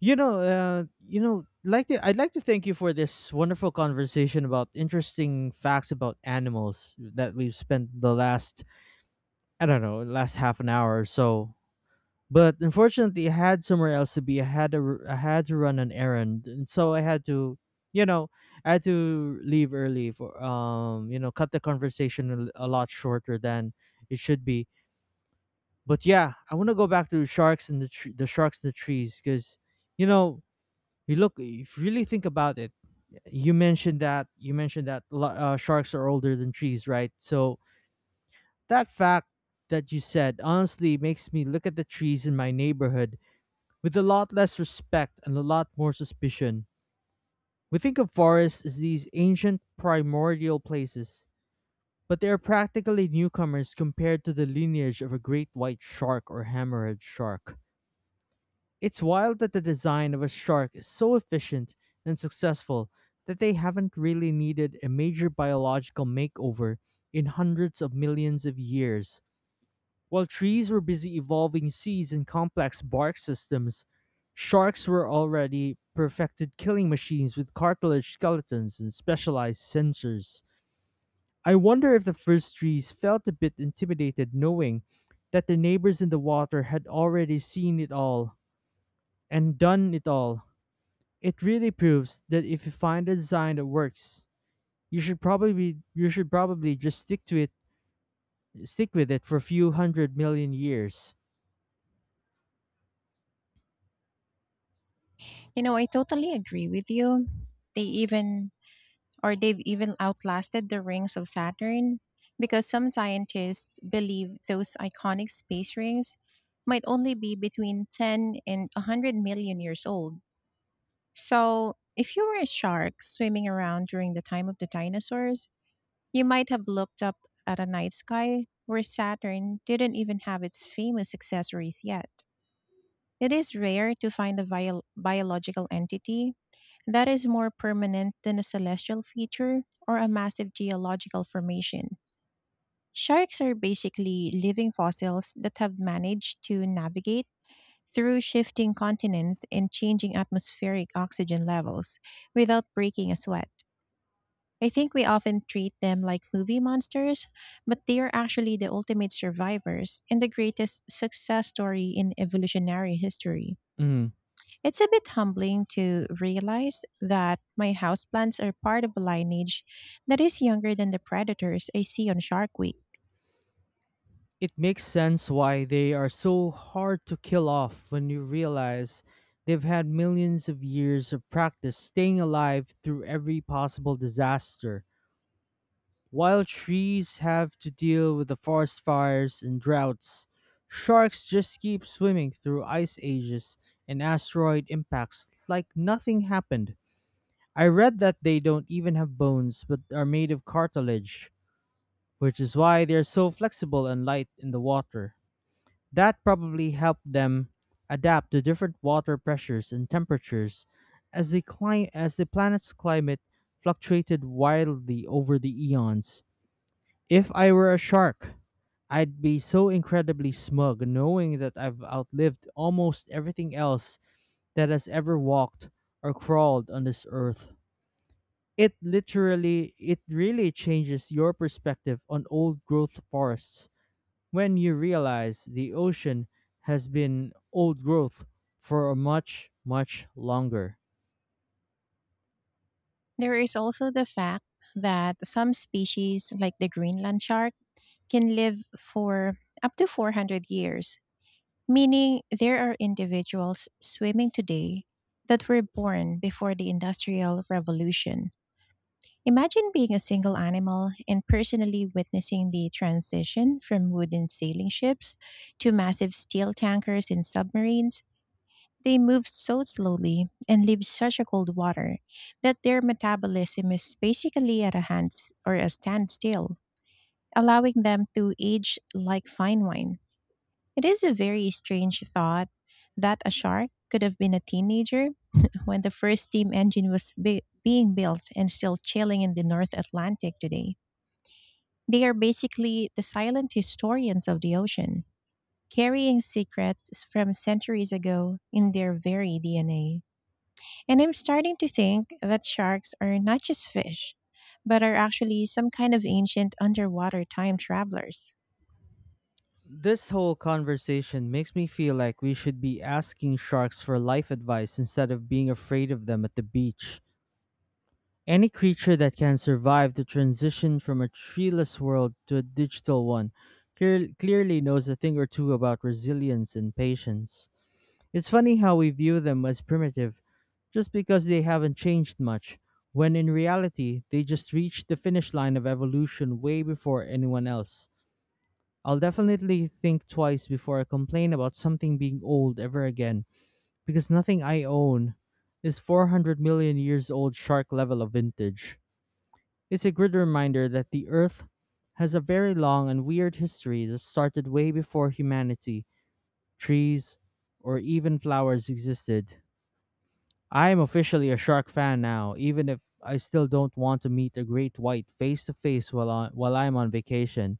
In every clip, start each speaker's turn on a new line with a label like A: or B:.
A: I'd like to thank you for this wonderful conversation about interesting facts about animals that we've spent the last, I don't know, last half an hour or so. But unfortunately, I had somewhere else to be. I had to I had to run an errand, and so you know, I had to leave early for cut the conversation a lot shorter than it should be. But yeah, I want to go back to sharks and the sharks in the trees, because you know you look, if you really think about it, you mentioned that sharks are older than trees, right? So that fact that you said honestly makes me look at the trees in my neighborhood with a lot less respect and a lot more suspicion. We think of forests as these ancient primordial places, but they are practically newcomers compared to the lineage of a great white shark or hammerhead shark. It's wild that the design of a shark is so efficient and successful that they haven't really needed a major biological makeover in hundreds of millions of years. While trees were busy evolving seeds and complex bark systems, sharks were already perfected killing machines with cartilage skeletons and specialized sensors. I wonder if the first trees felt a bit intimidated knowing that the neighbors in the water had already seen it all and done it all. It really proves that if you find a design that works, you should probably just stick to it, stick with it for a few hundred million years.
B: You know, I totally agree with you. They even they've even outlasted the rings of Saturn because some scientists believe those iconic space rings might only be between 10 and 100 million years old. So, if you were a shark swimming around during the time of the dinosaurs, you might have looked up at a night sky where Saturn didn't even have its famous accessories yet. It is rare to find a biological entity that is more permanent than a celestial feature or a massive geological formation. Sharks are basically living fossils that have managed to navigate through shifting continents and changing atmospheric oxygen levels without breaking a sweat. I think we often treat them like movie monsters, but they are actually the ultimate survivors and the greatest success story in evolutionary history.
A: Mm.
B: It's a bit humbling to realize that my houseplants are part of a lineage that is younger than the predators I see on Shark Week.
A: It makes sense why they are so hard to kill off when you realize they've had millions of years of practice staying alive through every possible disaster. While trees have to deal with the forest fires and droughts, sharks just keep swimming through ice ages and asteroid impacts like nothing happened. I read that they don't even have bones but are made of cartilage, which is why they're so flexible and light in the water. That probably helped them adapt to different water pressures and temperatures as the planet's climate fluctuated wildly over the eons. If I were a shark, I'd be so incredibly smug knowing that I've outlived almost everything else that has ever walked or crawled on this earth. It really changes your perspective on old growth forests when you realize the ocean has been old growth for much, much longer.
B: There is also the fact that some species, like the Greenland shark, can live for up to 400 years, meaning there are individuals swimming today that were born before the Industrial Revolution. Imagine being a single animal and personally witnessing the transition from wooden sailing ships to massive steel tankers and submarines. They move so slowly and leave such a cold water that their metabolism is basically at a hands or a standstill, allowing them to age like fine wine. It is a very strange thought that a shark could have been a teenager when the first steam engine was being built and still chilling in the North Atlantic today. They are basically the silent historians of the ocean, carrying secrets from centuries ago in their very DNA. And I'm starting to think that sharks are not just fish, but are actually some kind of ancient underwater time travelers.
A: This whole conversation makes me feel like we should be asking sharks for life advice instead of being afraid of them at the beach. Any creature that can survive the transition from a treeless world to a digital one clearly knows a thing or two about resilience and patience. It's funny how we view them as primitive just because they haven't changed much, when in reality, they just reached the finish line of evolution way before anyone else. I'll definitely think twice before I complain about something being old ever again, because nothing I own is 400 million years old shark level of vintage. It's a good reminder that the Earth has a very long and weird history that started way before humanity, trees, or even flowers existed. I am officially a shark fan now, even if I still don't want to meet a great white face to face while while I'm on vacation.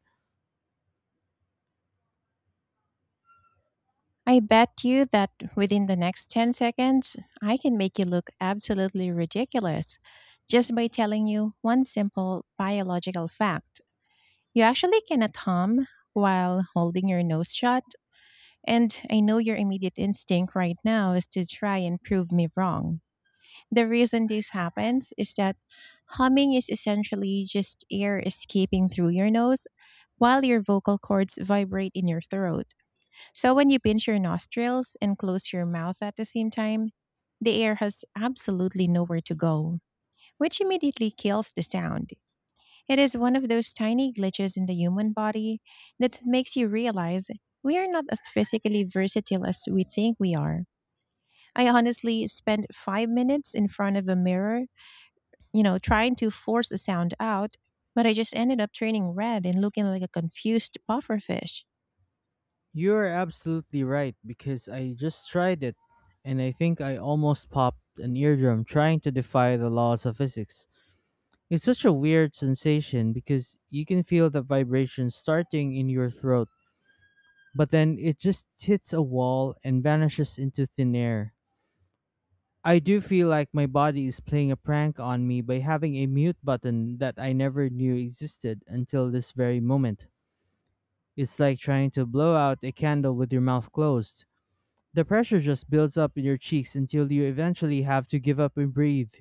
B: I bet you that within the next 10 seconds, I can make you look absolutely ridiculous just by telling you one simple biological fact. You actually cannot hum while holding your nose shut, and I know your immediate instinct right now is to try and prove me wrong. The reason this happens is that humming is essentially just air escaping through your nose while your vocal cords vibrate in your throat. So when you pinch your nostrils and close your mouth at the same time, the air has absolutely nowhere to go, which immediately kills the sound. It is one of those tiny glitches in the human body that makes you realize we are not as physically versatile as we think we are. I honestly spent 5 minutes in front of a mirror, trying to force a sound out, but I just ended up turning red and looking like a confused pufferfish.
A: You are absolutely right, because I just tried it and I think I almost popped an eardrum trying to defy the laws of physics. It's such a weird sensation because you can feel the vibration starting in your throat, but then it just hits a wall and vanishes into thin air. I do feel like my body is playing a prank on me by having a mute button that I never knew existed until this very moment. It's like trying to blow out a candle with your mouth closed. The pressure just builds up in your cheeks until you eventually have to give up and breathe.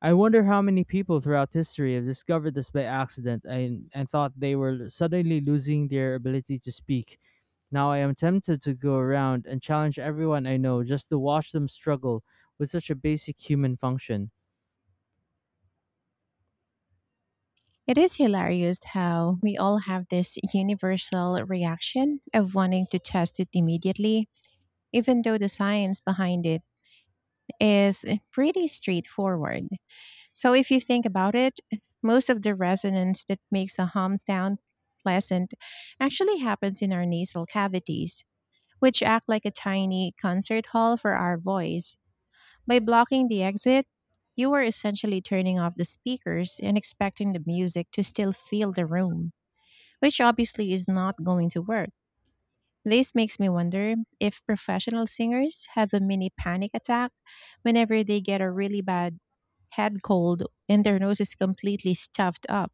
A: I wonder how many people throughout history have discovered this by accident and, thought they were suddenly losing their ability to speak. Now I am tempted to go around and challenge everyone I know just to watch them struggle with such a basic human function.
B: It is hilarious how we all have this universal reaction of wanting to test it immediately, even though the science behind it is pretty straightforward. So, if you think about it, most of the resonance that makes a hum sound pleasant actually happens in our nasal cavities, which act like a tiny concert hall for our voice. By blocking the exit, you are essentially turning off the speakers and expecting the music to still fill the room, which obviously is not going to work. This makes me wonder if professional singers have a mini panic attack whenever they get a really bad head cold and their nose is completely stuffed up.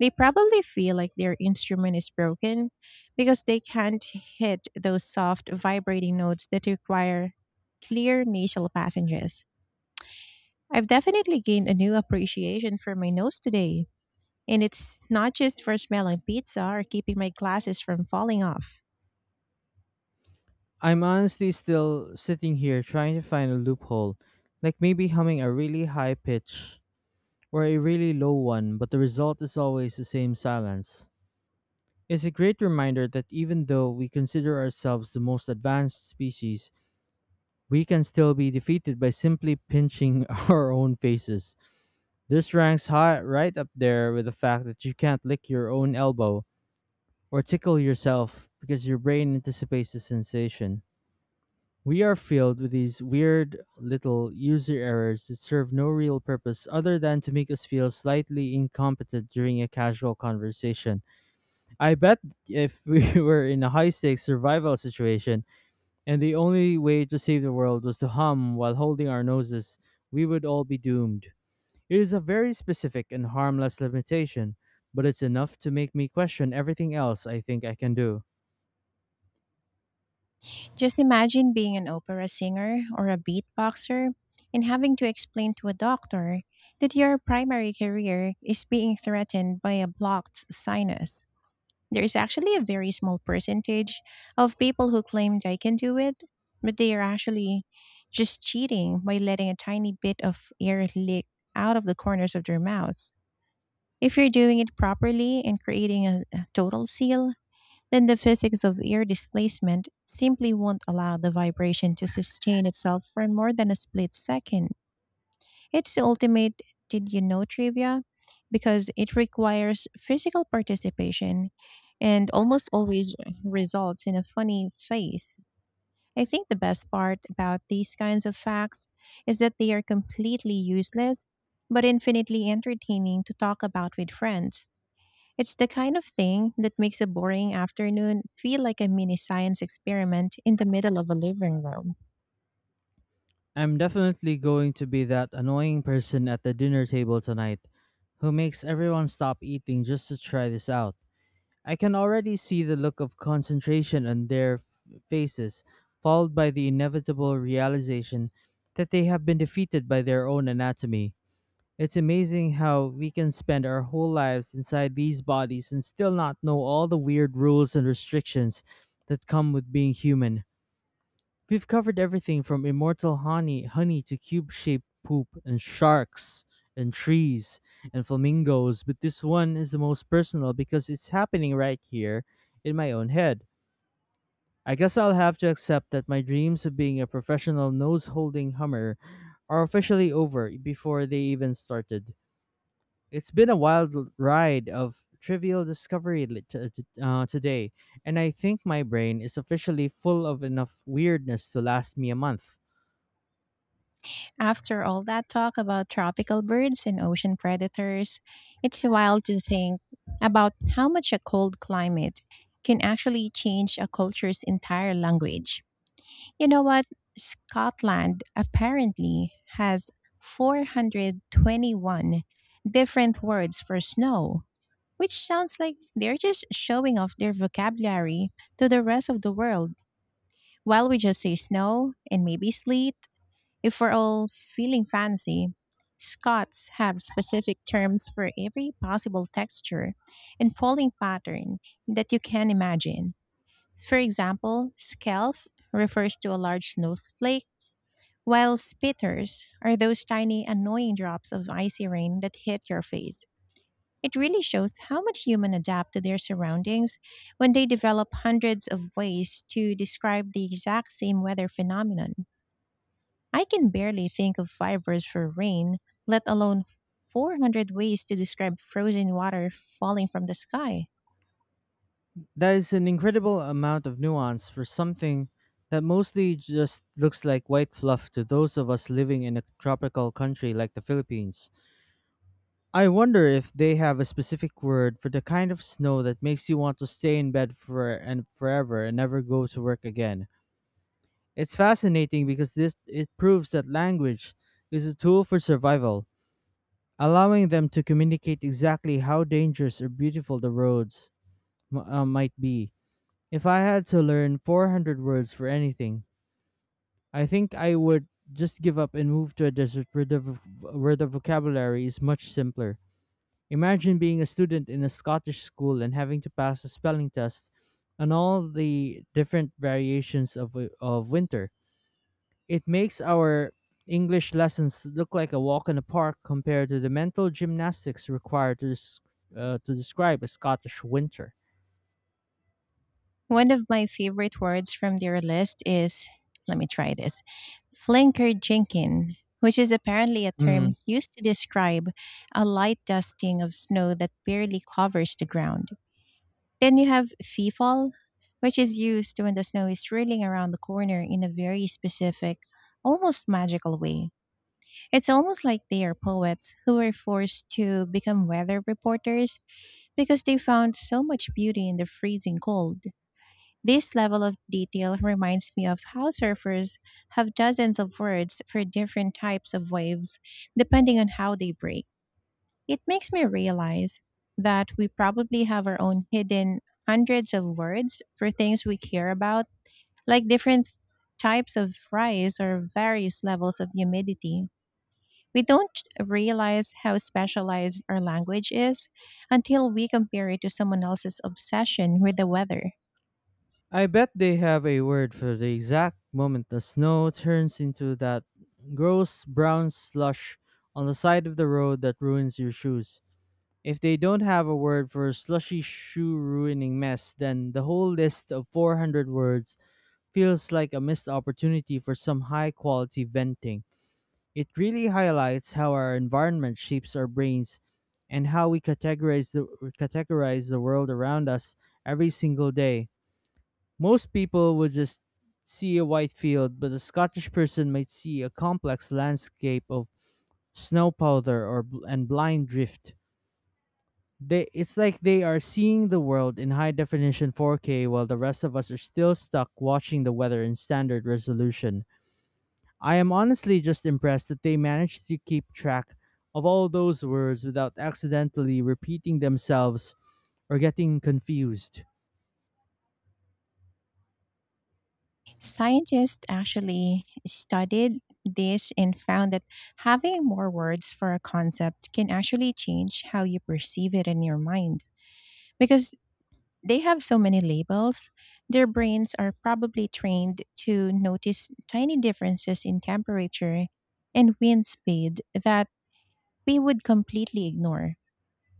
B: They probably feel like their instrument is broken because they can't hit those soft vibrating notes that require clear nasal passages. I've definitely gained a new appreciation for my nose today, and it's not just for smelling pizza or keeping my glasses from falling off.
A: I'm honestly still sitting here trying to find a loophole, like maybe humming a really high pitch or a really low one, but the result is always the same silence. It's a great reminder that even though we consider ourselves the most advanced species, we can still be defeated by simply pinching our own faces. This ranks high, right up there with the fact that you can't lick your own elbow or tickle yourself because your brain anticipates the sensation. We are filled with these weird little user errors that serve no real purpose other than to make us feel slightly incompetent during a casual conversation. I bet if we were in a high stakes survival situation and the only way to save the world was to hum while holding our noses, we would all be doomed. It is a very specific and harmless limitation, but it's enough to make me question everything else I think I can do.
B: Just imagine being an opera singer or a beatboxer and having to explain to a doctor that your primary career is being threatened by a blocked sinus. There is actually a very small percentage of people who claim they can do it, but they are actually just cheating by letting a tiny bit of air leak out of the corners of their mouths. If you're doing it properly and creating a total seal, then the physics of air displacement simply won't allow the vibration to sustain itself for more than a split second. It's the ultimate did you know trivia because it requires physical participation and almost always results in a funny face. I think the best part about these kinds of facts is that they are completely useless but infinitely entertaining to talk about with friends. It's the kind of thing that makes a boring afternoon feel like a mini science experiment in the middle of a living room.
A: I'm definitely going to be that annoying person at the dinner table tonight who makes everyone stop eating just to try this out. I can already see the look of concentration on their faces, followed by the inevitable realization that they have been defeated by their own anatomy. It's amazing how we can spend our whole lives inside these bodies and still not know all the weird rules and restrictions that come with being human. We've covered everything from immortal honey to cube-shaped poop and sharks and trees and flamingos, but this one is the most personal because it's happening right here in my own head. I guess I'll have to accept that my dreams of being a professional nose-holding hummer are officially over before they even started. It's been a wild ride of trivial discovery today, and I think my brain is officially full of enough weirdness to last me a month.
B: After all that talk about tropical birds and ocean predators, it's wild to think about how much a cold climate can actually change a culture's entire language. You know what? Scotland apparently has 421 different words for snow, which sounds like they're just showing off their vocabulary to the rest of the world while we just say snow and maybe sleet if we're all feeling fancy. Scots have specific terms for every possible texture and folding pattern that you can imagine. For example, scalp refers to a large snowflake, while spitters are those tiny annoying drops of icy rain that hit your face. It really shows how much humans adapt to their surroundings when they develop hundreds of ways to describe the exact same weather phenomenon. I can barely think of five words for rain, let alone 400 ways to describe frozen water falling from the sky.
A: That is an incredible amount of nuance for something that mostly just looks like white fluff to those of us living in a tropical country like the Philippines. I wonder if they have a specific word for the kind of snow that makes you want to stay in bed for and forever and never go to work again. It's fascinating because this it proves that language is a tool for survival, allowing them to communicate exactly how dangerous or beautiful the roads might be. If I had to learn 400 words for anything, I think I would just give up and move to a desert where where the vocabulary is much simpler. Imagine being a student in a Scottish school and having to pass a spelling test on all the different variations of winter. It makes our English lessons look like a walk in the park compared to the mental gymnastics required to describe a Scottish winter.
B: One of my favorite words from their list is, let me try this, flinkerjinkin, which is apparently a term used to describe a light dusting of snow that barely covers the ground. Then you have fee fall, which is used when the snow is swirling around the corner in a very specific, almost magical way. It's almost like they are poets who were forced to become weather reporters because they found so much beauty in the freezing cold. This level of detail reminds me of how surfers have dozens of words for different types of waves, depending on how they break. It makes me realize that we probably have our own hidden hundreds of words for things we care about, like different types of rice or various levels of humidity. We don't realize how specialized our language is until we compare it to someone else's obsession with the weather.
A: I bet they have a word for the exact moment the snow turns into that gross brown slush on the side of the road that ruins your shoes. If they don't have a word for slushy shoe ruining mess, then the whole list of 400 words feels like a missed opportunity for some high quality venting. It really highlights how our environment shapes our brains and how we categorize the world around us every single day. Most people would just see a white field, but a Scottish person might see a complex landscape of snow powder and blind drift. It's like they are seeing the world in high definition 4K while the rest of us are still stuck watching the weather in standard resolution. I am honestly just impressed that they managed to keep track of all those words without accidentally repeating themselves or getting confused.
B: Scientists actually studied this and found that having more words for a concept can actually change how you perceive it in your mind because they have so many labels, their brains are probably trained to notice tiny differences in temperature and wind speed that we would completely ignore.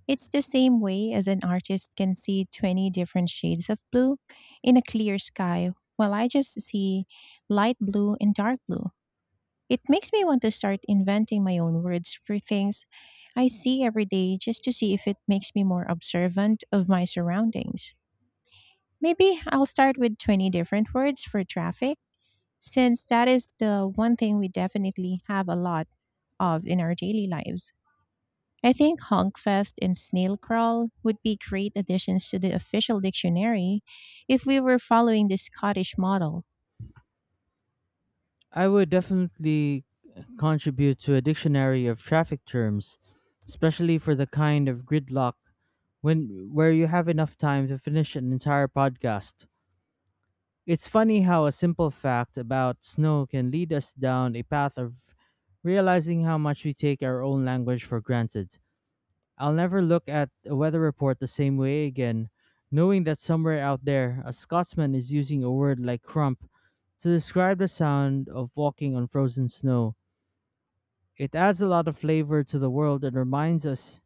B: It's the same way as an artist can see 20 different shades of blue in a clear sky, while I just see light blue and dark blue. It makes me want to start inventing my own words for things I see every day just to see if it makes me more observant of my surroundings. Maybe I'll start with 20 different words for traffic, since that is the one thing we definitely have a lot of in our daily lives. I think Honkfest and Snail Crawl would be great additions to the official dictionary if we were following the Scottish model.
A: I would definitely contribute to a dictionary of traffic terms, especially for the kind of gridlock when where you have enough time to finish an entire podcast. It's funny how a simple fact about snow can lead us down a path of realizing how much we take our own language for granted. I'll never look at a weather report the same way again, knowing that somewhere out there, a Scotsman is using a word like crump to describe the sound of walking on frozen snow. It adds a lot of flavor to the world and reminds us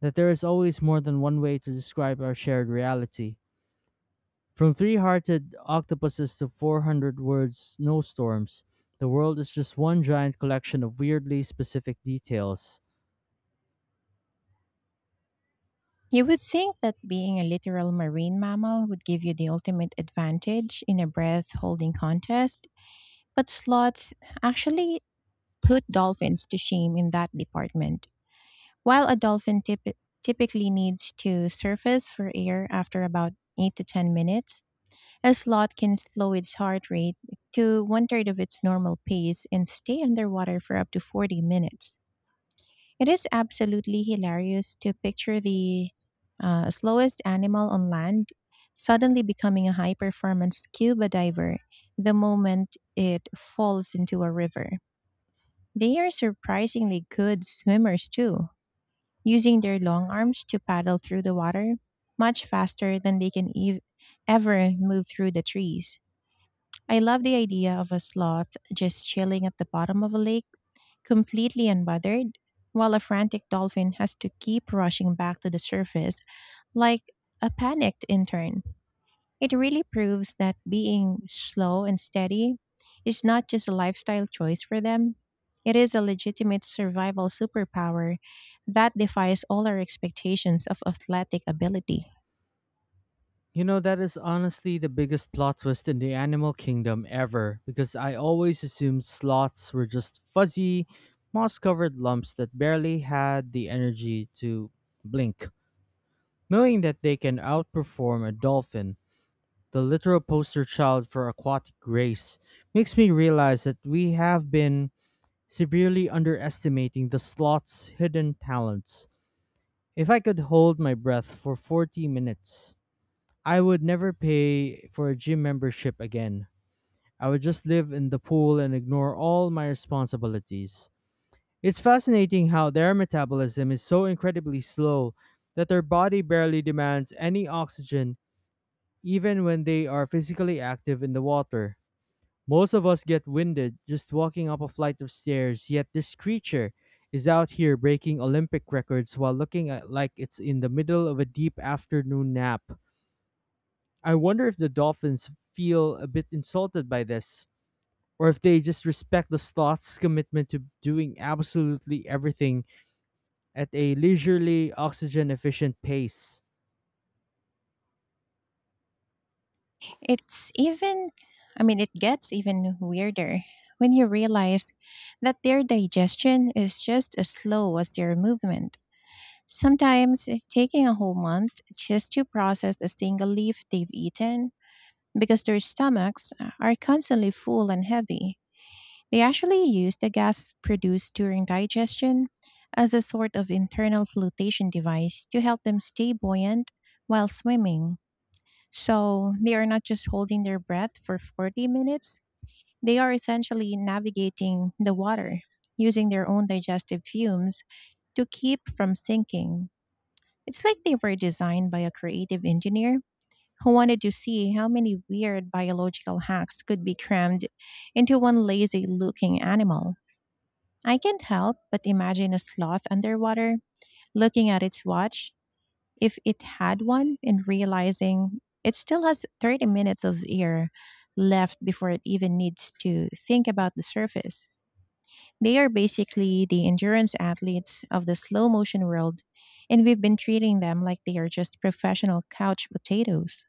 A: that there is always more than one way to describe our shared reality. From three hearted octopuses to 400 word snowstorms, the world is just one giant collection of weirdly specific details.
B: You would think that being a literal marine mammal would give you the ultimate advantage in a breath holding contest, but slots actually put dolphins to shame in that department. While a dolphin typically needs to surface for air after about 8 to 10 minutes, a sloth can slow its heart rate to one third of its normal pace and stay underwater for up to 40 minutes. It is absolutely hilarious to picture the slowest animal on land suddenly becoming a high performance scuba diver the moment it falls into a river. They are surprisingly good swimmers too, using their long arms to paddle through the water much faster than they can ever move through the trees. I love the idea of a sloth just chilling at the bottom of a lake, completely unbothered, while a frantic dolphin has to keep rushing back to the surface like a panicked intern. It really proves that being slow and steady is not just a lifestyle choice for them. It is a legitimate survival superpower that defies all our expectations of athletic ability.
A: You know, that is honestly the biggest plot twist in the animal kingdom ever, because I always assumed sloths were just fuzzy, moss covered lumps that barely had the energy to blink. Knowing that they can outperform a dolphin, the literal poster child for aquatic grace, makes me realize that we have been severely underestimating the sloth's hidden talents. If I could hold my breath for 40 minutes, I would never pay for a gym membership again. I would just live in the pool and ignore all my responsibilities. It's fascinating how their metabolism is so incredibly slow that their body barely demands any oxygen even when they are physically active in the water. Most of us get winded just walking up a flight of stairs, yet this creature is out here breaking Olympic records while looking at, like it's in the middle of a deep afternoon nap. I wonder if the dolphins feel a bit insulted by this, or if they just respect the sloth's commitment to doing absolutely everything at a leisurely, oxygen efficient pace.
B: It's even, I mean, it gets even weirder when you realize that their digestion is just as slow as their movement, sometimes taking a whole month just to process a single leaf they've eaten because their stomachs are constantly full and heavy. They actually use the gas produced during digestion as a sort of internal flotation device to help them stay buoyant while swimming. So they are not just holding their breath for 40 minutes, they are essentially navigating the water using their own digestive fumes to keep from sinking. It's like they were designed by a creative engineer who wanted to see how many weird biological hacks could be crammed into one lazy looking animal. I can't help but imagine a sloth underwater, looking at its watch, if it had one, and realizing it still has 30 minutes of air left before it even needs to think about the surface. They are basically the endurance athletes of the slow motion world, and we've been treating them like they are just professional couch potatoes.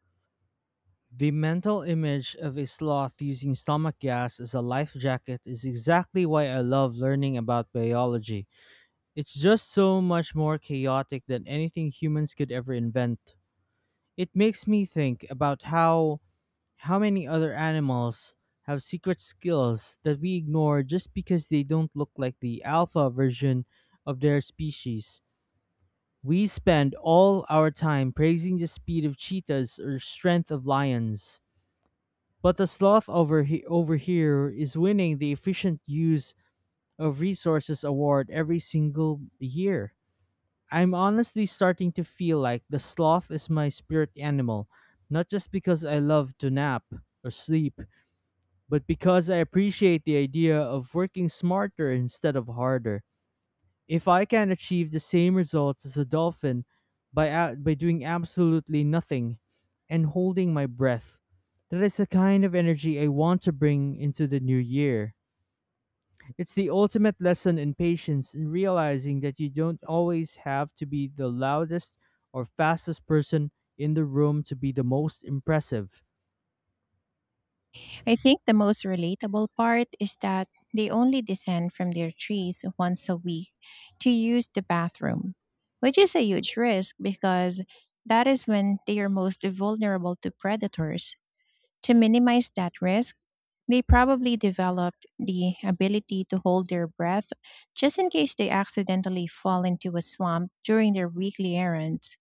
A: The mental image of a sloth using stomach gas as a life jacket is exactly why I love learning about biology. It's just so much more chaotic than anything humans could ever invent. It makes me think about how many other animals have secret skills that we ignore just because they don't look like the alpha version of their species? We spend all our time praising the speed of cheetahs or strength of lions. But the sloth over here is winning the efficient use of resources award every single year. I'm honestly starting to feel like the sloth is my spirit animal, not just because I love to nap or sleep, but because I appreciate the idea of working smarter instead of harder. If I can achieve the same results as a dolphin by doing absolutely nothing and holding my breath, that is the kind of energy I want to bring into the new year. It's the ultimate lesson in patience and realizing that you don't always have to be the loudest or fastest person in the room to be the most impressive.
B: I think the most relatable part is that they only descend from their trees once a week to use the bathroom, which is a huge risk because that is when they are most vulnerable to predators. To minimize that risk, they probably developed the ability to hold their breath just in case they accidentally fall into a swamp during their weekly errands.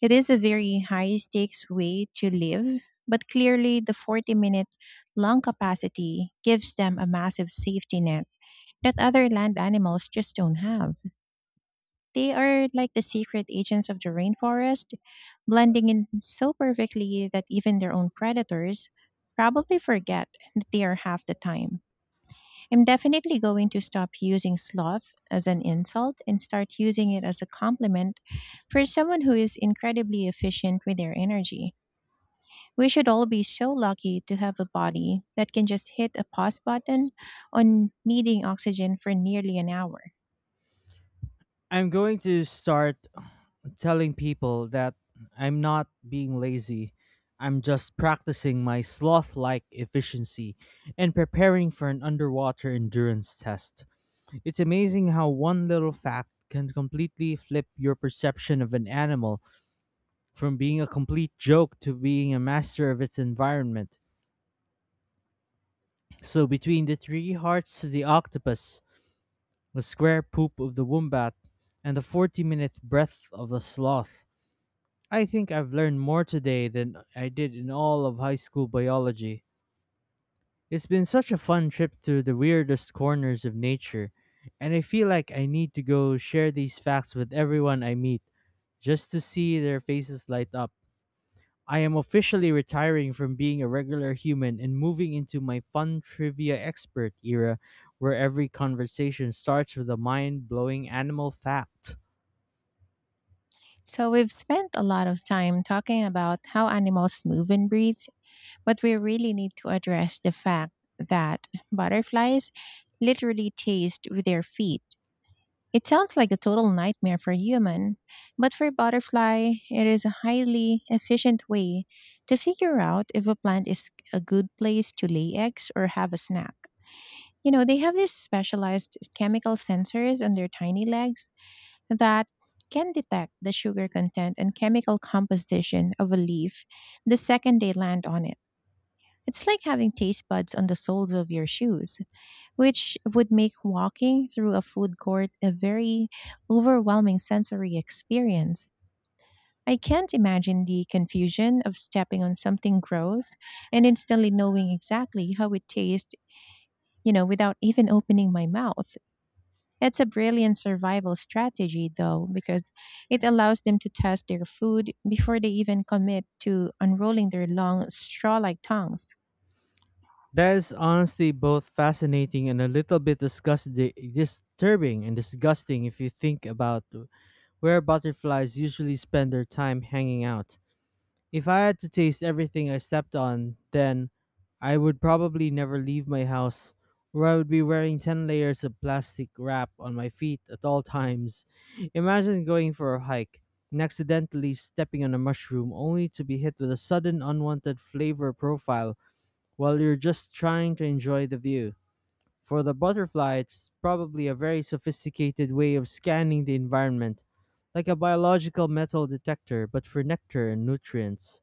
B: It is a very high stakes way to live, but clearly the 40-minute long capacity gives them a massive safety net that other land animals just don't have. They are like the secret agents of the rainforest, blending in so perfectly that even their own predators probably forget that they are half the time. I'm definitely going to stop using sloth as an insult and start using it as a compliment for someone who is incredibly efficient with their energy. We should all be so lucky to have a body that can just hit a pause button on needing oxygen for nearly an hour.
A: I'm going to start telling people that I'm not being lazy. I'm just practicing my sloth like efficiency and preparing for an underwater endurance test. It's amazing how one little fact can completely flip your perception of an animal from being a complete joke to being a master of its environment. So, between the three hearts of the octopus, the square poop of the wombat, and the 40-minute breath of the sloth, I think I've learned more today than I did in all of high school biology. It's been such a fun trip through the weirdest corners of nature, and I feel like I need to go share these facts with everyone I meet just to see their faces light up. I am officially retiring from being a regular human and moving into my fun trivia expert era where every conversation starts with a mind blowing animal fact.
B: So, we've spent a lot of time talking about how animals move and breathe, but we really need to address the fact that butterflies literally taste with their feet. It sounds like a total nightmare for human, but for butterfly, it is a highly efficient way to figure out if a plant is a good place to lay eggs or have a snack. You know, they have these specialized chemical sensors on their tiny legs that can detect the sugar content and chemical composition of a leaf the second they land on it. It's like having taste buds on the soles of your shoes, which would make walking through a food court a very overwhelming sensory experience. I can't imagine the confusion of stepping on something gross and instantly knowing exactly how it tastes, you know, without even opening my mouth. It's a brilliant survival strategy, though, because it allows them to test their food before they even commit to unrolling their long, straw like tongues.
A: That is honestly both fascinating and a little bit disturbing and disgusting if you think about where butterflies usually spend their time hanging out. If I had to taste everything I stepped on, then I would probably never leave my house, or I would be wearing 10 layers of plastic wrap on my feet at all times. Imagine going for a hike and accidentally stepping on a mushroom only to be hit with a sudden unwanted flavor profile while you're just trying to enjoy the view. For the butterfly, it's probably a very sophisticated way of scanning the environment, like a biological metal detector, but for nectar and nutrients.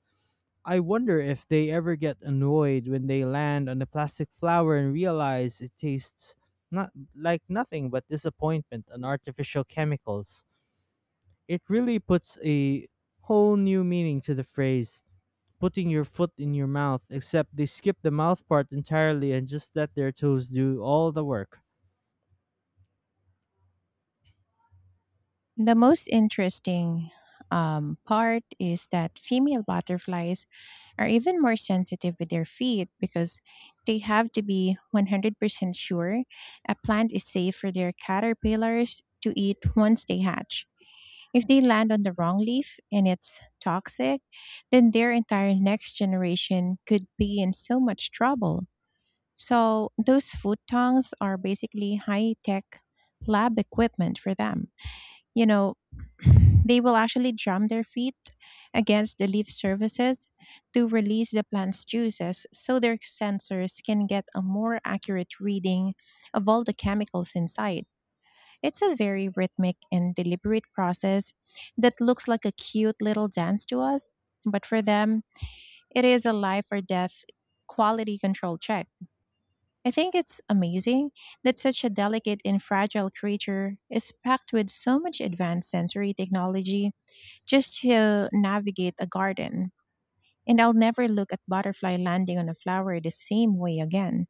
A: I wonder if they ever get annoyed when they land on a plastic flower and realize it tastes not like nothing but disappointment and artificial chemicals. It really puts a whole new meaning to the phrase putting your foot in your mouth, except they skip the mouth part entirely and just let their toes do all the work.
B: The most interesting part is that female butterflies are even more sensitive with their feet because they have to be 100% sure a plant is safe for their caterpillars to eat once they hatch. If they land on the wrong leaf and it's toxic, then their entire next generation could be in so much trouble. So, those food tongs are basically high tech lab equipment for them, you know, they will actually drum their feet against the leaf surfaces to release the plant's juices so their sensors can get a more accurate reading of all the chemicals inside. It's a very rhythmic and deliberate process that looks like a cute little dance to us, but for them, it is a life or death quality control check. I think it's amazing that such a delicate and fragile creature is packed with so much advanced sensory technology just to navigate a garden. And I'll never look at butterfly landing on a flower the same way again,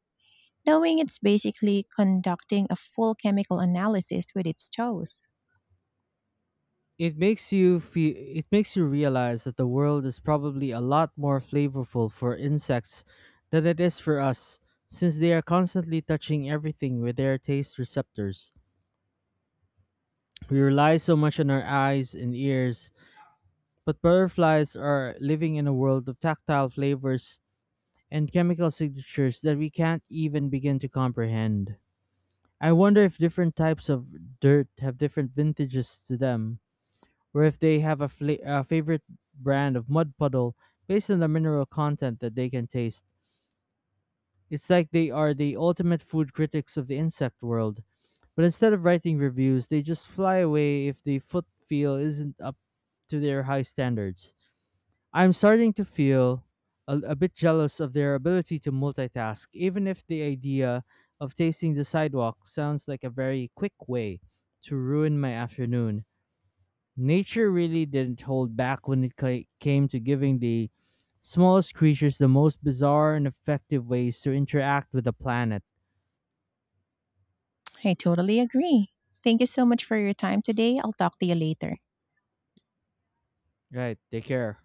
B: knowing it's basically conducting a full chemical analysis with its toes.
A: It makes you realize that the world is probably a lot more flavorful for insects than it is for us, since they are constantly touching everything with their taste receptors. We rely so much on our eyes and ears, but butterflies are living in a world of tactile flavors and chemical signatures that we can't even begin to comprehend. I wonder if different types of dirt have different vintages to them, or if they have a favorite brand of mud puddle based on the mineral content that they can taste. It's like they are the ultimate food critics of the insect world, but instead of writing reviews, they just fly away if the foot feel isn't up to their high standards. I'm starting to feel a bit jealous of their ability to multitask, even if the idea of tasting the sidewalk sounds like a very quick way to ruin my afternoon. Nature really didn't hold back when it came to giving the smallest creatures the most bizarre and effective ways to interact with the planet.
B: I totally agree. Thank you so much for your time today. I'll talk to you later.
A: Right, take care.